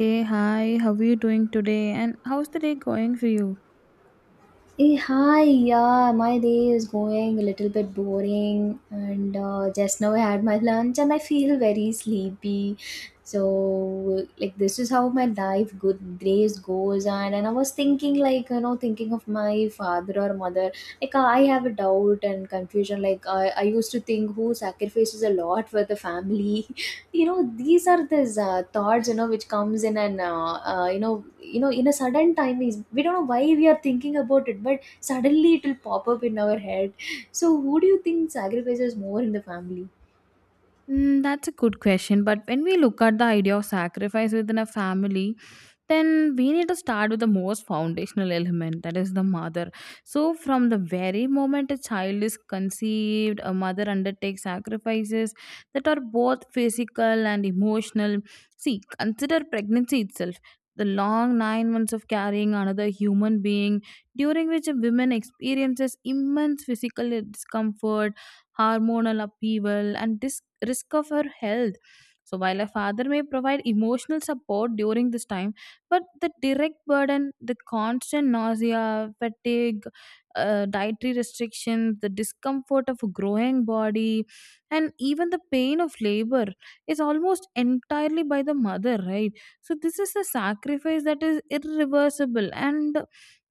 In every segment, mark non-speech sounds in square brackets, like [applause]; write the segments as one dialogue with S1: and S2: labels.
S1: Hey, hi, how are you doing today? And how's the day going for you?
S2: Hey, hi, yeah, my day is going a little bit boring, and just now I had my lunch and I feel very sleepy. So, like, this is how my life good days goes on. And I was thinking, like, you know, thinking of my father or mother. Like, I have a doubt and confusion. Like, I used to think who sacrifices a lot for the family, [laughs] you know these are these thoughts, you know, which comes in and you know, in a sudden time is we don't know why we are thinking about it, but suddenly it will pop up in our head. So who do you think sacrifices more in the family?
S1: Mm, that's a good question. But when we look at the idea of sacrifice within a family, then we need to start with the most foundational element that is the mother. So, from the very moment a child is conceived, a mother undertakes sacrifices that are both physical and emotional. See, consider pregnancy itself. The long 9 months of carrying another human being, during which a woman experiences immense physical discomfort hormonal upheaval, and risk of her health. So, while a father may provide emotional support during this time, but the direct burden, the constant nausea, fatigue, dietary restrictions, the discomfort of a growing body, and even the pain of labor is almost entirely by the mother, right? So, this is a sacrifice that is irreversible and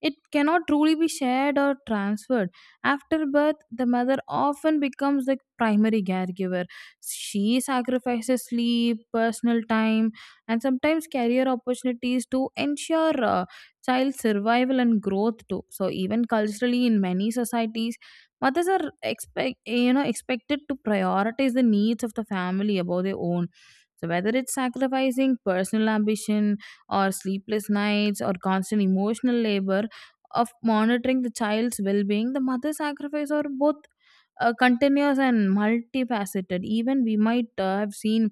S1: it cannot truly be shared or transferred after birth, the mother often becomes the primary caregiver. She sacrifices sleep, personal time, and sometimes career opportunities to ensure child survival and growth too. So even culturally, in many societies, mothers are expected to prioritize the needs of the family above their own. So whether it's sacrificing personal ambition or sleepless nights or constant emotional labor, of monitoring the child's well-being the mother's sacrifice are both continuous and multifaceted. Even we might have seen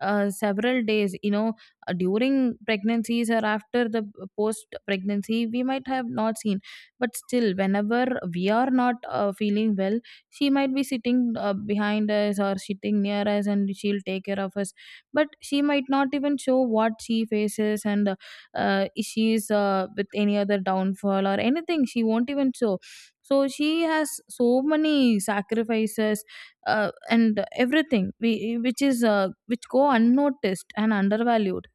S1: several days, during pregnancies or after the post pregnancy, we might have not seen. But still, whenever we are not feeling well, she might be sitting behind us or sitting near us and she'll take care of us. But she might not even show what she faces and issues with any other downfall or anything. She won't even show so she has so many sacrifices and everything we, which is which go unnoticed and undervalued.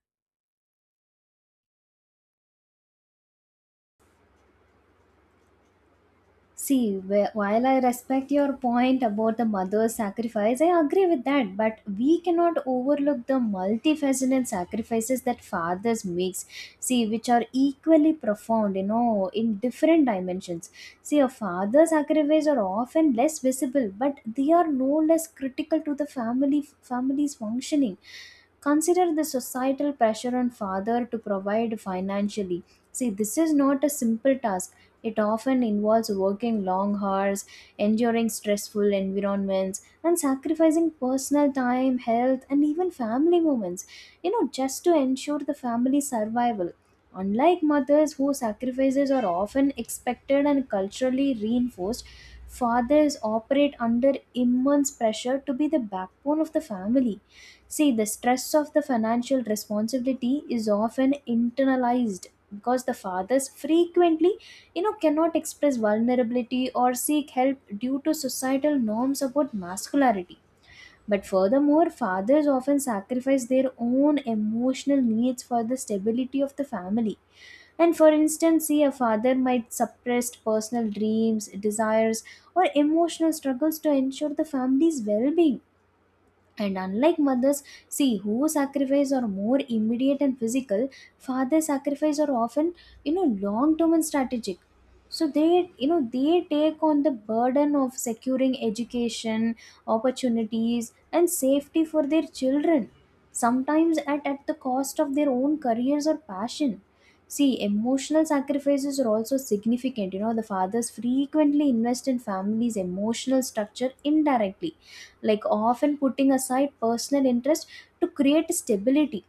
S2: See, while I respect your point about the mother's sacrifice, I agree with that. But we cannot overlook the multifaceted sacrifices that fathers makes. See, which are equally profound, you know, in different dimensions. See, a father's sacrifice are often less visible, but they are no less critical to the family's functioning. Consider the societal pressure on father to provide financially. See, this is not a simple task. It often involves working long hours, enduring stressful environments, and sacrificing personal time, health, and even family moments, you know, just to ensure the family survival. Unlike mothers whose sacrifices are often expected and culturally reinforced, fathers operate under immense pressure to be the backbone of the family. See, the stress of the financial responsibility is often internalized because the fathers frequently, you know, cannot express vulnerability or seek help due to societal norms about masculinity. But furthermore, fathers often sacrifice their own emotional needs for the stability of the family. And for instance, see, a father might suppress personal dreams, desires, or emotional struggles to ensure the family's well being. And unlike mothers, see who sacrifice are more immediate and physical, fathers sacrifice are often, you know, long term and strategic. So they, you know, they take on the burden of securing education, opportunities, and safety for their children, sometimes at the cost of their own careers or passion. See, emotional sacrifices are also significant. You know, the fathers frequently invest in families' emotional structure indirectly, like often putting aside personal interest to create stability,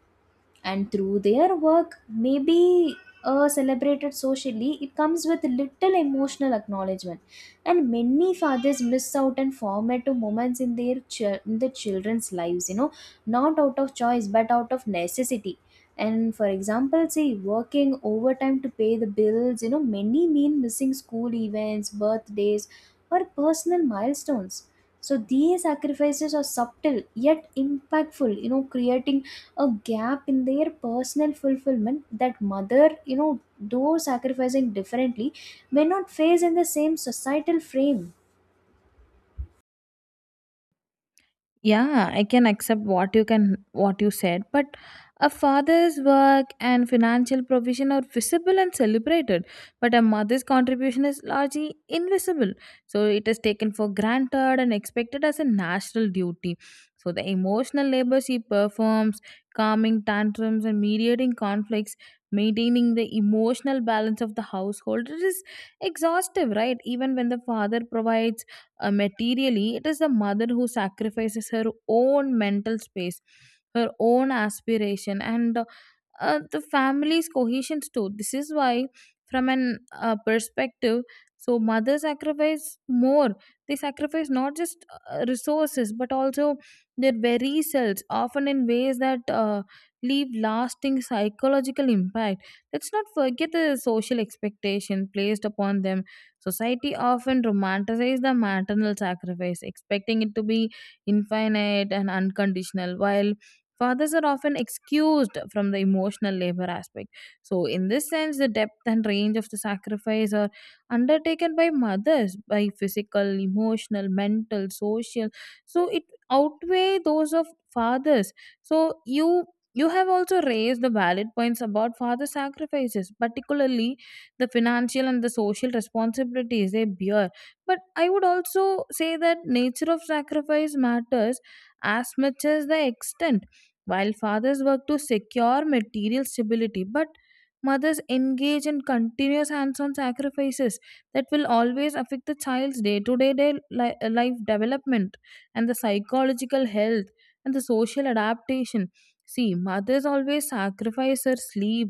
S2: and through their work maybe celebrated socially, it comes with little emotional acknowledgement. And many fathers miss out on formative moments in their in the children's lives, you know, not out of choice but out of necessity. And for example, see, working overtime to pay the bills, you know, many mean missing school events, birthdays, or personal milestones. So these sacrifices are subtle yet impactful, you know, creating a gap in their personal fulfillment that mother, you know, though sacrificing differently, may not face in the same societal frame.
S1: Yeah, I can accept what you said, but a father's work and financial provision are visible and celebrated, but a mother's contribution is largely invisible. So it is taken for granted and expected as a national duty. So the emotional labor she performs, calming tantrums and mediating conflicts, maintaining the emotional balance of the household, it is exhaustive, right? Even when the father provides materially, it is the mother who sacrifices her own mental space, her own aspiration, and the family's cohesions too. This is why, from an perspective, so mothers sacrifice more. They sacrifice not just resources but also their very selves, often in ways that leave lasting psychological impact. Let's not forget the social expectation placed upon them. Society often romanticizes the maternal sacrifice, expecting it to be infinite and unconditional, while fathers are often excused from the emotional labor aspect. So, in this sense, the depth and range of the sacrifice are undertaken by mothers by physical, emotional, mental, social. So, it outweigh those of fathers. So, you have also raised the valid points about father sacrifices particularly the financial and the social responsibilities they bear. But I would also say that nature of sacrifice matters as much as the extent. While fathers work to secure material stability, but mothers engage in continuous hands-on sacrifices that will always affect the child's day-to-day life development and the psychological health and the social adaptation. See, mothers always sacrifice their sleep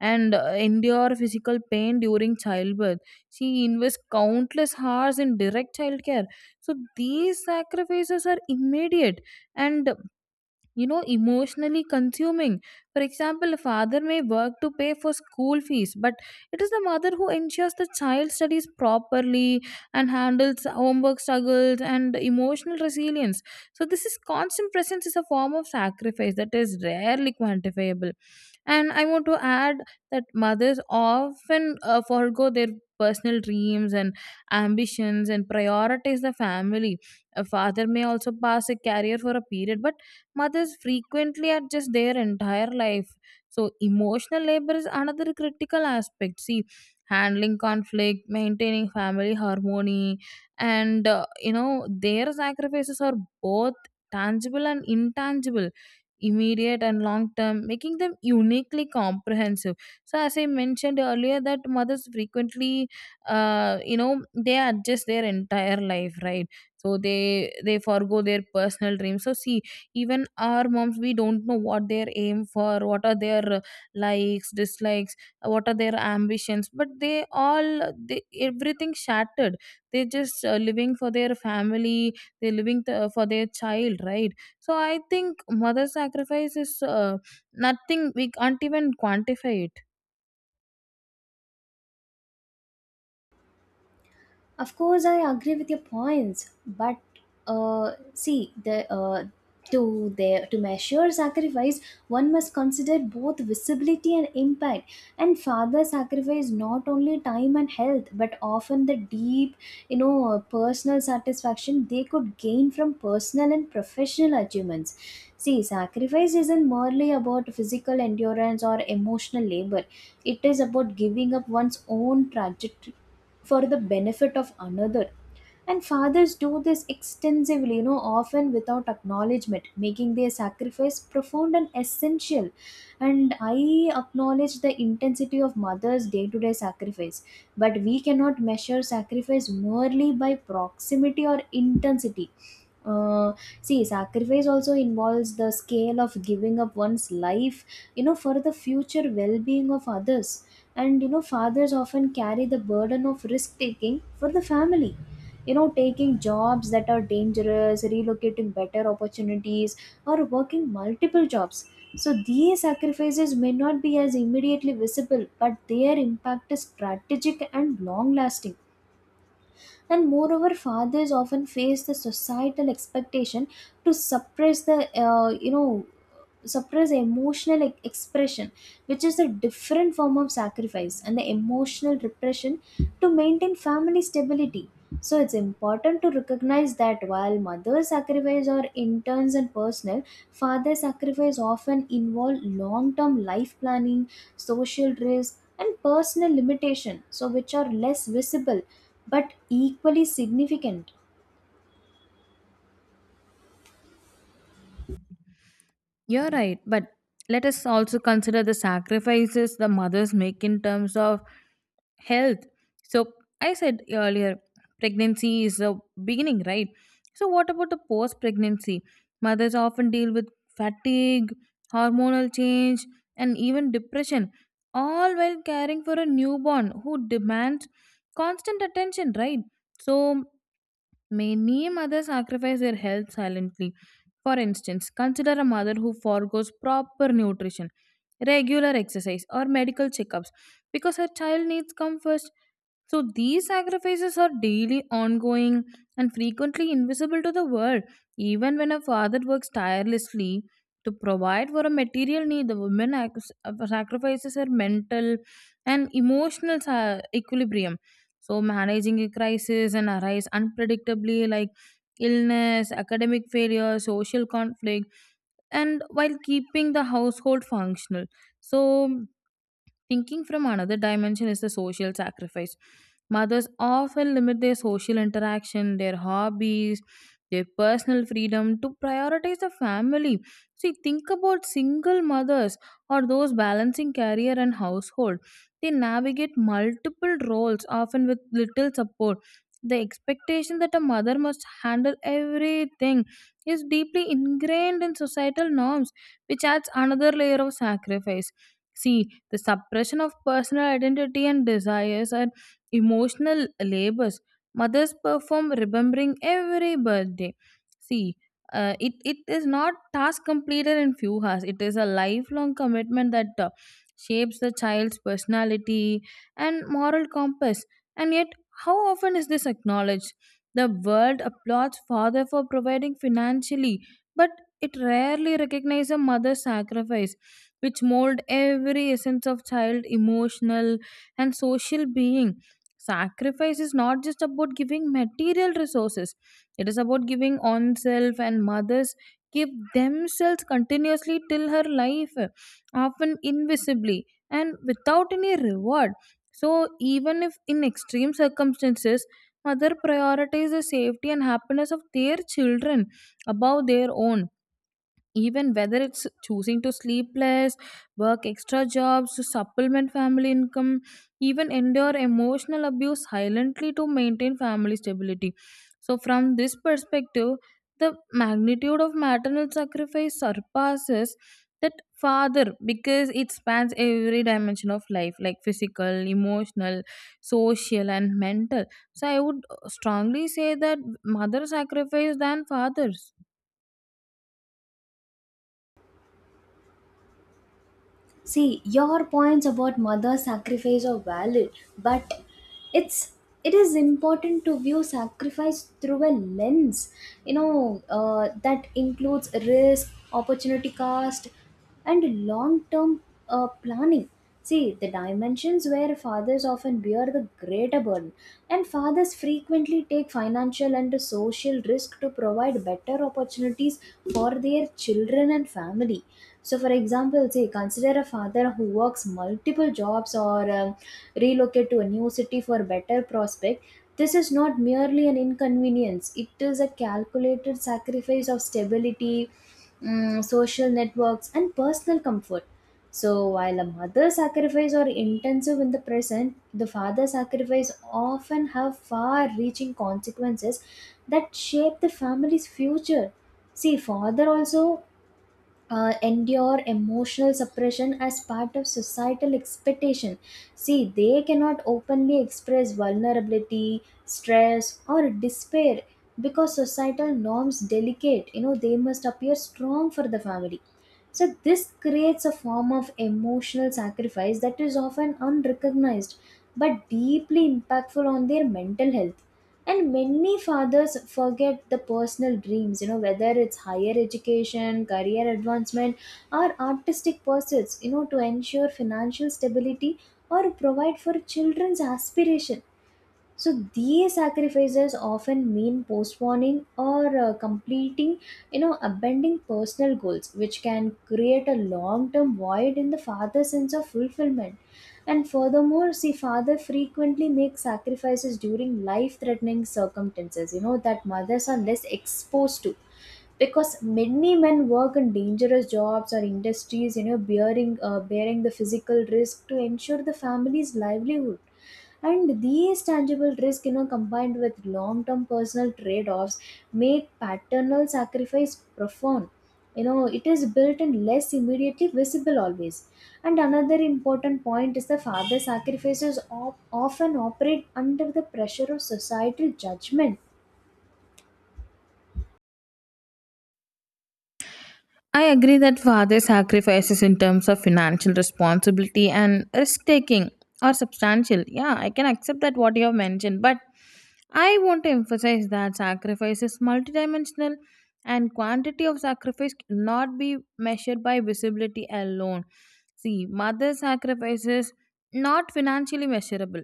S1: and endure physical pain during childbirth. She invests countless hours in direct childcare. So these sacrifices are immediate and emotionally consuming. For example, a father may work to pay for school fees but it is the mother who ensures the child studies properly and handles homework struggles and emotional resilience. So this is constant presence is a form of sacrifice that is rarely quantifiable. And I want to add that mothers often forego their personal dreams and ambitions and prioritize the family. A father may also pass a career for a period but mothers frequently adjust their entire life. So, emotional labor is another critical aspect. See, handling conflict, maintaining family harmony, and their sacrifices are both tangible and intangible, immediate and long term, making them uniquely comprehensive. So, as I mentioned earlier, that mothers frequently, they adjust their entire life, right? So they forego their personal dreams. So see, even our moms we don't know what their aim for what are their likes dislikes what are their ambitions but they, everything shattered. They're just living for their family. They're living for their child, right? So I think mother sacrifice is nothing we can't even quantify it.
S2: Of course, I agree with your points, but see the to measure sacrifice, one must consider both visibility and impact. And father sacrifice not only time and health, but often the deep, you know, personal satisfaction they could gain from personal and professional achievements. See, sacrifice isn't merely about physical endurance or emotional labor. It is about giving up one's own trajectory for the benefit of another, and fathers do this extensively, you know, often without acknowledgement, making their sacrifice profound and essential. And I acknowledge the intensity of mothers day to day sacrifice, but we cannot measure sacrifice merely by proximity or intensity. Uh, see sacrifice also involves the scale of giving up one's life, you know, for the future well-being of others. And you know, fathers often carry the burden of risk taking for the family, you know, taking jobs that are dangerous, relocating better opportunities, or working multiple jobs. So these sacrifices may not be as immediately visible, but their impact is strategic and long lasting. And moreover, fathers often face the societal expectation to suppress the you know, suppress emotional expression, which is a different form of sacrifice, and the emotional repression to maintain family stability. So it's important to recognize that while mothers sacrifice are interns and personal, father sacrifice often involve long-term life planning, social risk, and personal limitation, so which are less visible but equally significant.
S1: You're right, but let us also consider the sacrifices the mothers make in terms of health. So, I said earlier, pregnancy is the beginning, right? So, what about the post pregnancy? Mothers often deal with fatigue, hormonal change, and even depression, all while caring for a newborn who demands constant attention, right? So, many mothers sacrifice their health silently. For instance, consider a mother who forgoes proper nutrition, regular exercise, or medical checkups because her child needs come first. So these sacrifices are daily ongoing and frequently invisible to the world. Even when a father works tirelessly to provide for a material need, the woman sacrifices her mental and emotional equilibrium. So managing a crisis and arise unpredictably like illness, academic failure, social conflict, and while keeping the household functional. So, thinking from another dimension is the social sacrifice. Mothers often limit their social interaction, their hobbies, their personal freedom to prioritize the family. See, think about single mothers or those balancing career and household. They navigate multiple roles, often with little support. The expectation that a mother must handle everything is deeply ingrained in societal norms, which adds another layer of sacrifice. See, the suppression of personal identity and desires are emotional labors mothers perform remembering every birthday. See, it is not task completed in few hours. It is a lifelong commitment that shapes the child's personality and moral compass. And yet, how often is this acknowledged? The world applauds father for providing financially, but it rarely recognizes a mother's sacrifice which mold every essence of child emotional and social being. Sacrifice is not just about giving material resources, it is about giving oneself, and mothers give themselves continuously till her life, often invisibly and without any reward. So even if in extreme circumstances mother prioritizes the safety and happiness of their children above their own, even whether it's choosing to sleep less, work extra jobs, to supplement family income, even endure emotional abuse silently to maintain family stability. So, from this perspective, the magnitude of maternal sacrifice surpasses that father because it spans every dimension of life like physical emotional social and mental. So I would strongly say that mother sacrifice than fathers.
S2: See, your points about mother sacrifice are valid, but it's it is important to view sacrifice through a lens, you know, that includes risk, opportunity cost, and long-term planning. See, the dimensions where fathers often bear the greater burden, and fathers frequently take financial and social risk to provide better opportunities for their children and family. So, for example, say consider a father who works multiple jobs or relocate to a new city for better prospect. This is not merely an inconvenience; it is a calculated sacrifice of stability, social networks, and personal comfort. So while a mother's sacrifice are intensive in the present, the father's sacrifice often have far-reaching consequences that shape the family's future. See, father also endure emotional suppression as part of societal expectation. See, they cannot openly express vulnerability, stress, or despair because societal norms delicate. You know, they must appear strong for the family. So, this creates a form of emotional sacrifice that is often unrecognized but deeply impactful on their mental health. And many fathers forget the personal dreams, you know, whether it's higher education, career advancement, or artistic pursuits, you know, to ensure financial stability or provide for children's aspiration. So these sacrifices often mean postponing or completing, you know, abandoning personal goals, which can create a long term void in the father's sense of fulfillment. And furthermore, see, father frequently makes sacrifices during life threatening circumstances, you know, that mothers are less exposed to, because many men work in dangerous jobs or industries, you know, bearing the physical risk to ensure the family's livelihood. And these tangible risks, you know, combined with long-term personal trade-offs, make paternal sacrifice profound. You know, it is built in less immediately visible always. And another important point is the often operate under the pressure of societal judgment.
S1: I agree that father sacrifices in terms of financial responsibility and risk taking are substantial. Yeah, I can accept that what you have mentioned, but I want to emphasize that sacrifice is multidimensional and quantity of sacrifice cannot be measured by visibility alone. See, mother sacrifices not financially measurable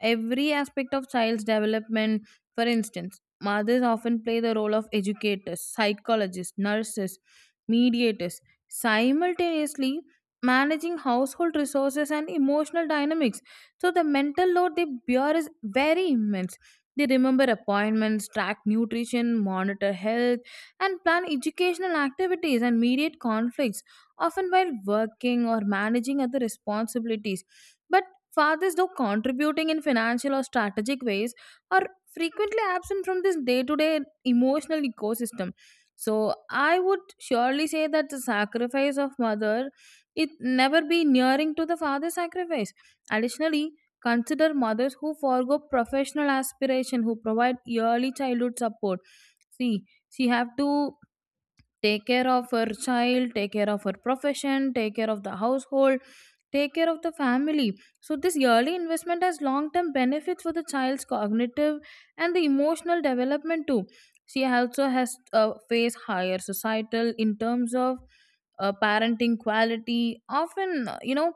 S1: every aspect of child's development. For instance, mothers often play the role of educators, psychologists, nurses, mediators, simultaneously managing household resources and emotional dynamics. So the mental load they bear is very immense. They remember appointments, track nutrition, monitor health, and plan educational activities and mediate conflicts, often while working or managing other responsibilities. But fathers, though contributing in financial or strategic ways, are frequently absent from this day to day emotional ecosystem. So I would surely say that the sacrifice of mother it never be nearing to the father's sacrifice. Additionally, consider mothers who forego professional aspiration who provide early childhood support. See, she have to take care of her child, take care of her profession, take care of the household, take care of the family. So this yearly investment has long term benefits for the child's cognitive and the emotional development too. She also has face higher societal in terms of parenting quality, often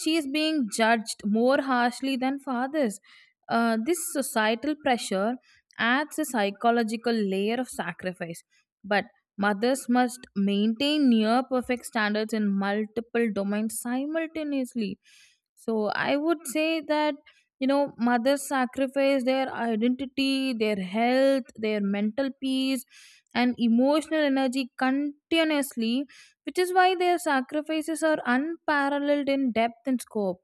S1: she is being judged more harshly than fathers. This societal pressure adds a psychological layer of sacrifice, but mothers must maintain near perfect standards in multiple domains simultaneously. So I would say that mothers sacrifice their identity, their health, their mental peace, and emotional energy continuously which is why their sacrifices are unparalleled in depth and scope.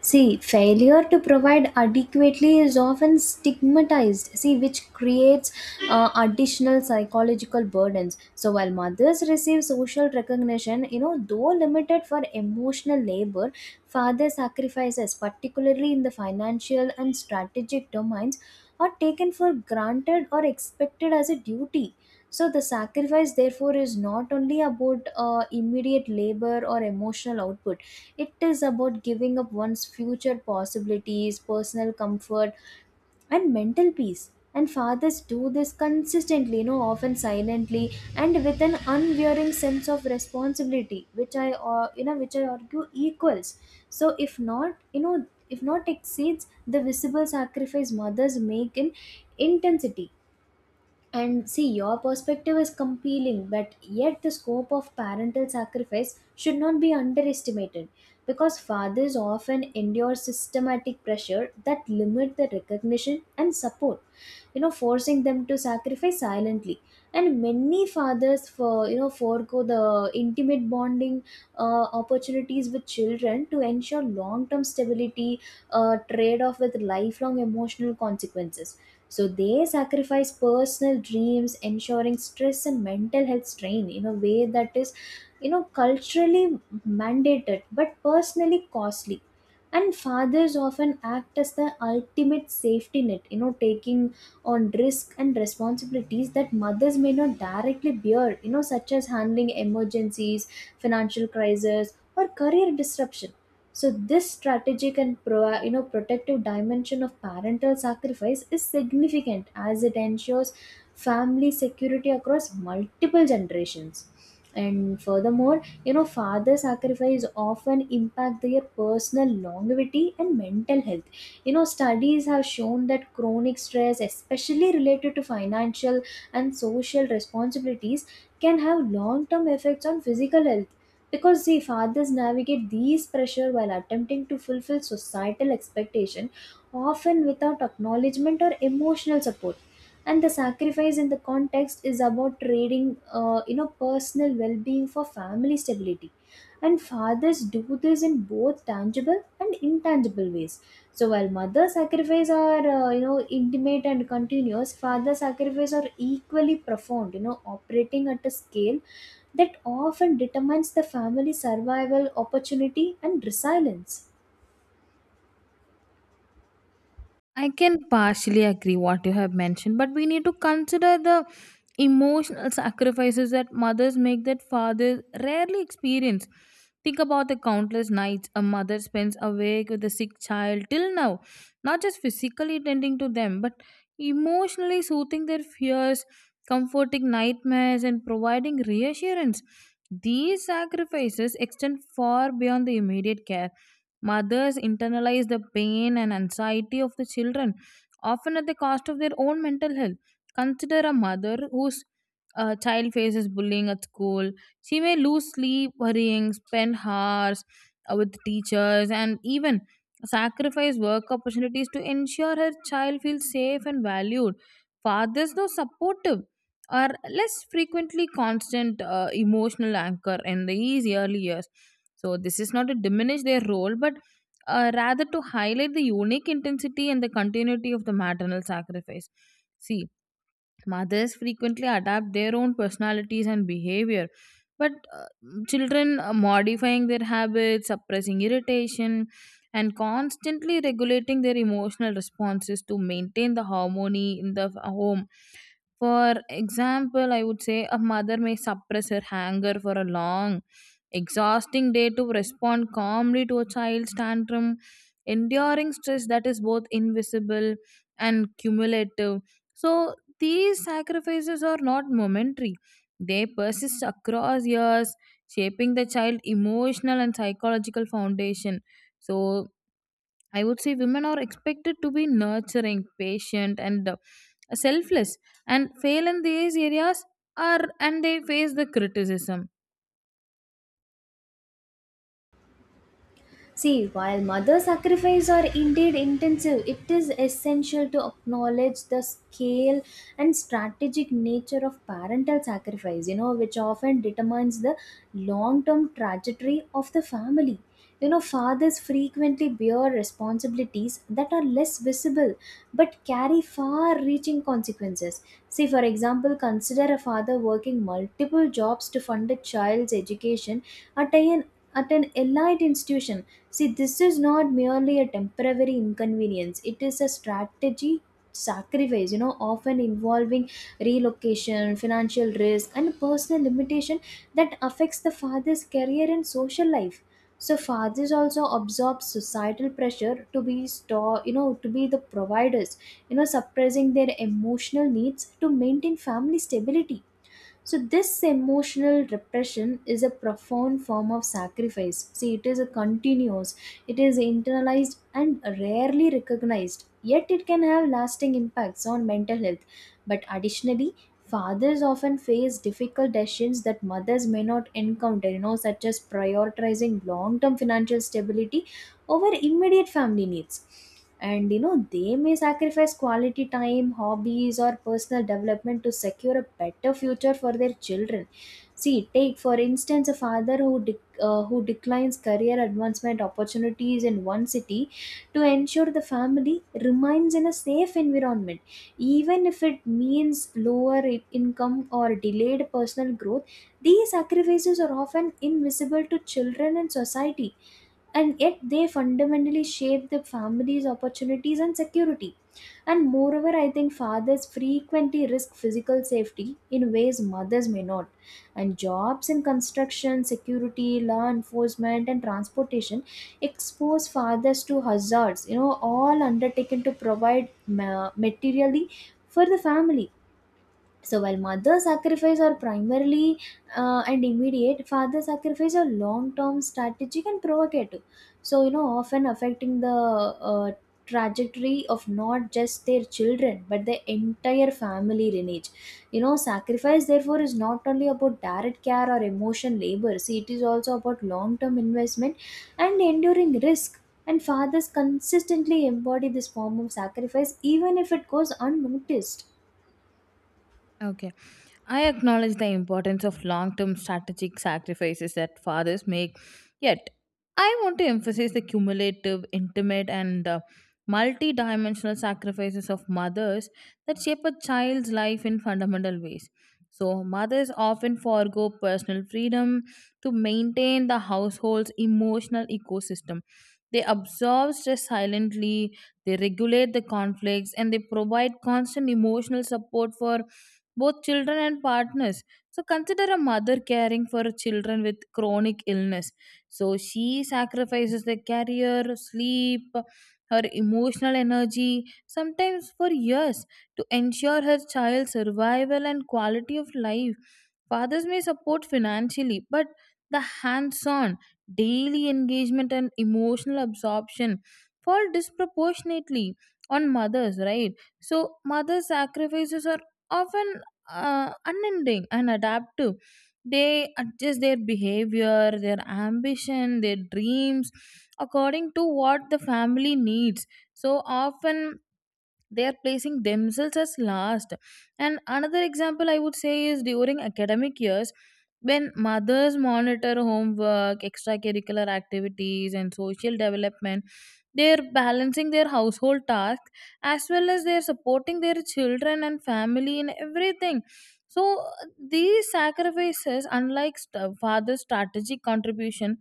S2: See, failure to provide adequately is often stigmatized, see, which creates additional psychological burdens. So, while mothers receive social recognition, you know, though limited for emotional labor, father sacrifices, particularly in the financial and strategic domains, are taken for granted or expected as a duty. So the sacrifice, therefore, is not only about immediate labor or emotional output. It is about giving up one's future possibilities, personal comfort, and mental peace. And fathers do this consistently, you know, often silently and with an unwearing sense of responsibility, which you know, which I argue equals. So if not, you know, if not exceeds the visible sacrifice mothers make in intensity. And see, your perspective is compelling, but yet the scope of parental sacrifice should not be underestimated because fathers often endure systematic pressure that limit the recognition and support, you know, forcing them to sacrifice silently. And many fathers, for you know, forego the intimate bonding opportunities with children to ensure long-term stability, trade-off with lifelong emotional consequences. So they sacrifice personal dreams ensuring stress and mental health strain in a way that is, you know, culturally mandated but personally costly. And fathers often act as the ultimate safety net, you know, taking on risk and responsibilities that mothers may not directly bear, you know, such as handling emergencies, financial crises, or career disruption. So this strategic and you know, protective dimension of parental sacrifice is significant as it ensures family security across multiple generations. And furthermore, you know, father sacrifice often impact their personal longevity and mental health. You know, studies have shown that chronic stress, especially related to financial and social responsibilities, can have long-term effects on physical health, because see fathers navigate these pressure while attempting to fulfill societal expectation often without acknowledgement or emotional support. And the sacrifice in the context is about trading, you know, personal well-being for family stability, and fathers do this in both tangible and intangible ways. So while mother sacrifice are, you know, intimate and continuous, father sacrifice are equally profound. You know, operating at a scale that often determines the family's survival, opportunity, and resilience.
S1: I can partially agree what you have mentioned, but we need to consider the emotional sacrifices that mothers make that fathers rarely experience. Think about the countless nights a mother spends awake with a sick child till now, not just physically tending to them, but emotionally soothing their fears, comforting nightmares, and providing reassurance. These sacrifices extend far beyond the immediate care. Mothers internalize the pain and anxiety of the children, often at the cost of their own mental health. Consider a mother whose child faces bullying at school. She may lose sleep, worrying, spend hours with teachers, and even sacrifice work opportunities to ensure her child feels safe and valued. Fathers, though supportive, are less frequently constant emotional anchor in these early years. So this is not to diminish their role, but rather to highlight the unique intensity and the continuity of the maternal sacrifice. See, mothers frequently adapt their own personalities and behavior, but children are modifying their habits, suppressing irritation, and constantly regulating their emotional responses to maintain the harmony in the home. For example, I would say a mother may suppress her anger for a long, exhausting day to respond calmly to a child's tantrum, enduring stress that is both invisible and cumulative. So these sacrifices are not momentary, they persist across years, shaping the child's emotional and psychological foundation. So, I would say women are expected to be nurturing, patient, and selfless, and fail in these areas are and they face the criticism.
S2: See, while mother sacrifice are indeed intensive, it is essential to acknowledge the scale and strategic nature of parental sacrifice, you know, which often determines the long term trajectory of the family. You know, fathers frequently bear responsibilities that are less visible but carry far reaching consequences. See, for example, consider a father working multiple jobs to fund a child's education at an at an elite institution. See, this is not merely a temporary inconvenience, it is a strategy sacrifice, you know, often involving relocation, financial risk, and personal limitation that affects the father's career and social life. So fathers also absorb societal pressure to be the providers, suppressing their emotional needs to maintain family stability, so this emotional repression is a profound form of sacrifice. See, it is internalized and rarely recognized, yet it can have lasting impacts on mental health. But additionally, fathers often face difficult decisions that mothers may not encounter, such as prioritizing long term financial stability over immediate family needs, and they may sacrifice quality time, hobbies, or personal development to secure a better future for their children. See, take for instance a father who declines career advancement opportunities in one city to ensure the family remains in a safe environment, even if it means lower income or delayed personal growth. These sacrifices are often invisible to children and society, and yet they fundamentally shape the family's opportunities and security. And moreover, I think fathers frequently risk physical safety in ways mothers may not, and jobs in construction, security, law enforcement, and transportation expose fathers to hazards, all undertaken to provide materially for the family. So while mother sacrifice are primarily and immediate, father sacrifice are long-term, strategic, and provocative. So often affecting the trajectory of not just their children but the entire family lineage. Sacrifice therefore is not only about direct care or emotion labor. See, it is also about long-term investment and enduring risk. And fathers consistently embody this form of sacrifice, even if it goes unnoticed.
S1: Okay. I acknowledge the importance of long term strategic sacrifices that fathers make, yet, I want to emphasize the cumulative, intimate, and multi dimensional sacrifices of mothers that shape a child's life in fundamental ways. So, mothers often forego personal freedom to maintain the household's emotional ecosystem. They absorb stress silently, they regulate the conflicts, and they provide constant emotional support for both children and partners. So consider a mother caring for children with chronic illness. So she sacrifices their career, sleep, her emotional energy, sometimes for years, to ensure her child's survival and quality of life. Fathers may support financially, but the hands on, daily engagement, and emotional absorption fall disproportionately on mothers, right? So, mothers' sacrifices are often unending and adaptive. They adjust their behavior, their ambition, their dreams according to what the family needs. So, often they are placing themselves as last. And another example I would say is during academic years when mothers monitor homework extracurricular activities and social development, they're balancing their household tasks as well as they're supporting their children and family in everything. So these sacrifices unlike father's strategic contribution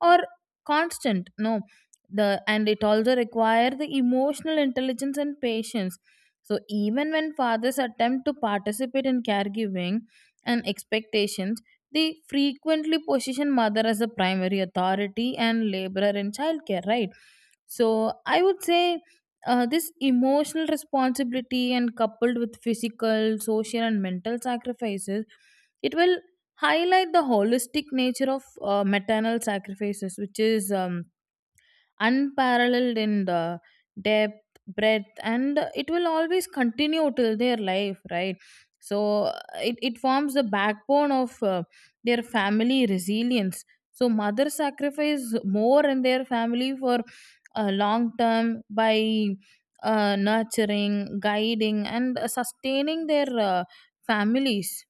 S1: are constant no the and it also require the emotional intelligence and patience. So even when fathers attempt to participate in caregiving and expectations they frequently position mother as a primary authority and laborer in childcare, right? So I would say this emotional responsibility and coupled with physical social and mental sacrifices it will highlight the holistic nature of maternal sacrifices which is unparalleled in the depth breadth and it will always continue till their life, right? So it forms the backbone of their family resilience. So mothers sacrifice more in their family for long term by nurturing guiding and sustaining their families.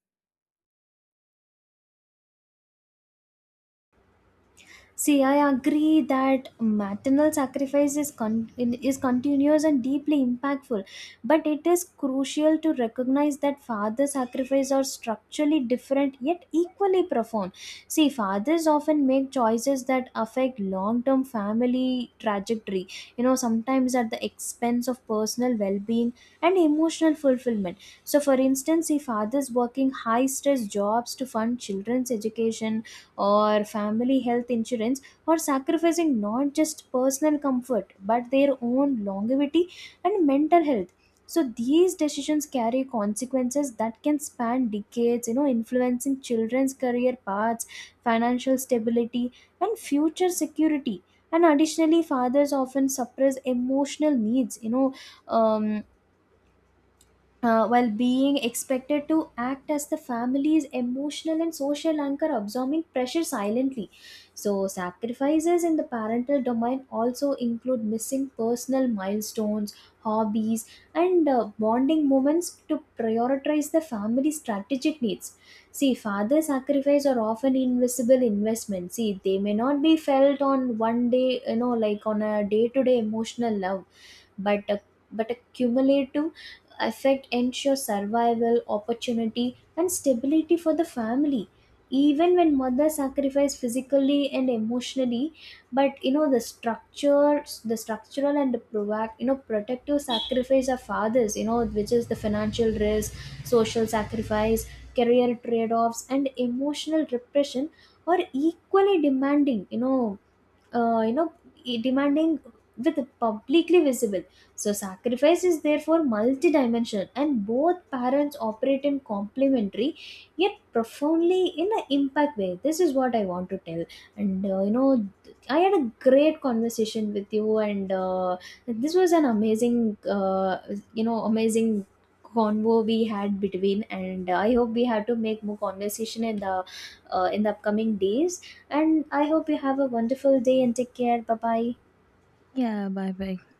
S2: See, I agree that maternal sacrifice is, is continuous and deeply impactful, but it is crucial to recognize that father sacrifice are structurally different yet equally profound. See, fathers often make choices that affect long term family trajectory, sometimes at the expense of personal well being and emotional fulfillment. So, for instance, see, fathers working high stress jobs to fund children's education or family health insurance, or sacrificing not just personal comfort but their own longevity and mental health. So these decisions carry consequences that can span decades, influencing children's career paths, financial stability, and future security. And additionally, fathers often suppress emotional needs, um, while being expected to act as the family's emotional and social anchor, absorbing pressure silently. So, sacrifices in the parental domain also include missing personal milestones, hobbies, and bonding moments to prioritize the family's strategic needs. See, father sacrifice are often invisible investments. See, they may not be felt on one day, like on a day to day emotional level, but a, but a cumulative effect ensures survival, opportunity, and stability for the family. Even when mother sacrifice physically and emotionally, but the structural and the proact, you know protective sacrifice of fathers, which is the financial risk, social sacrifice, career trade-offs, and emotional repression, are equally demanding. Uh, you know Demanding, with publicly visible. So sacrifice is therefore multidimensional, and both parents operate in complementary yet profoundly in an impact way. This is what I want to tell. And, I had a great conversation with you, and this was an amazing, uh, amazing convo we had between, and I hope we have to make more conversation in the, in the upcoming days. And I hope you have a wonderful day and take care. Bye bye.
S1: Yeah, bye bye.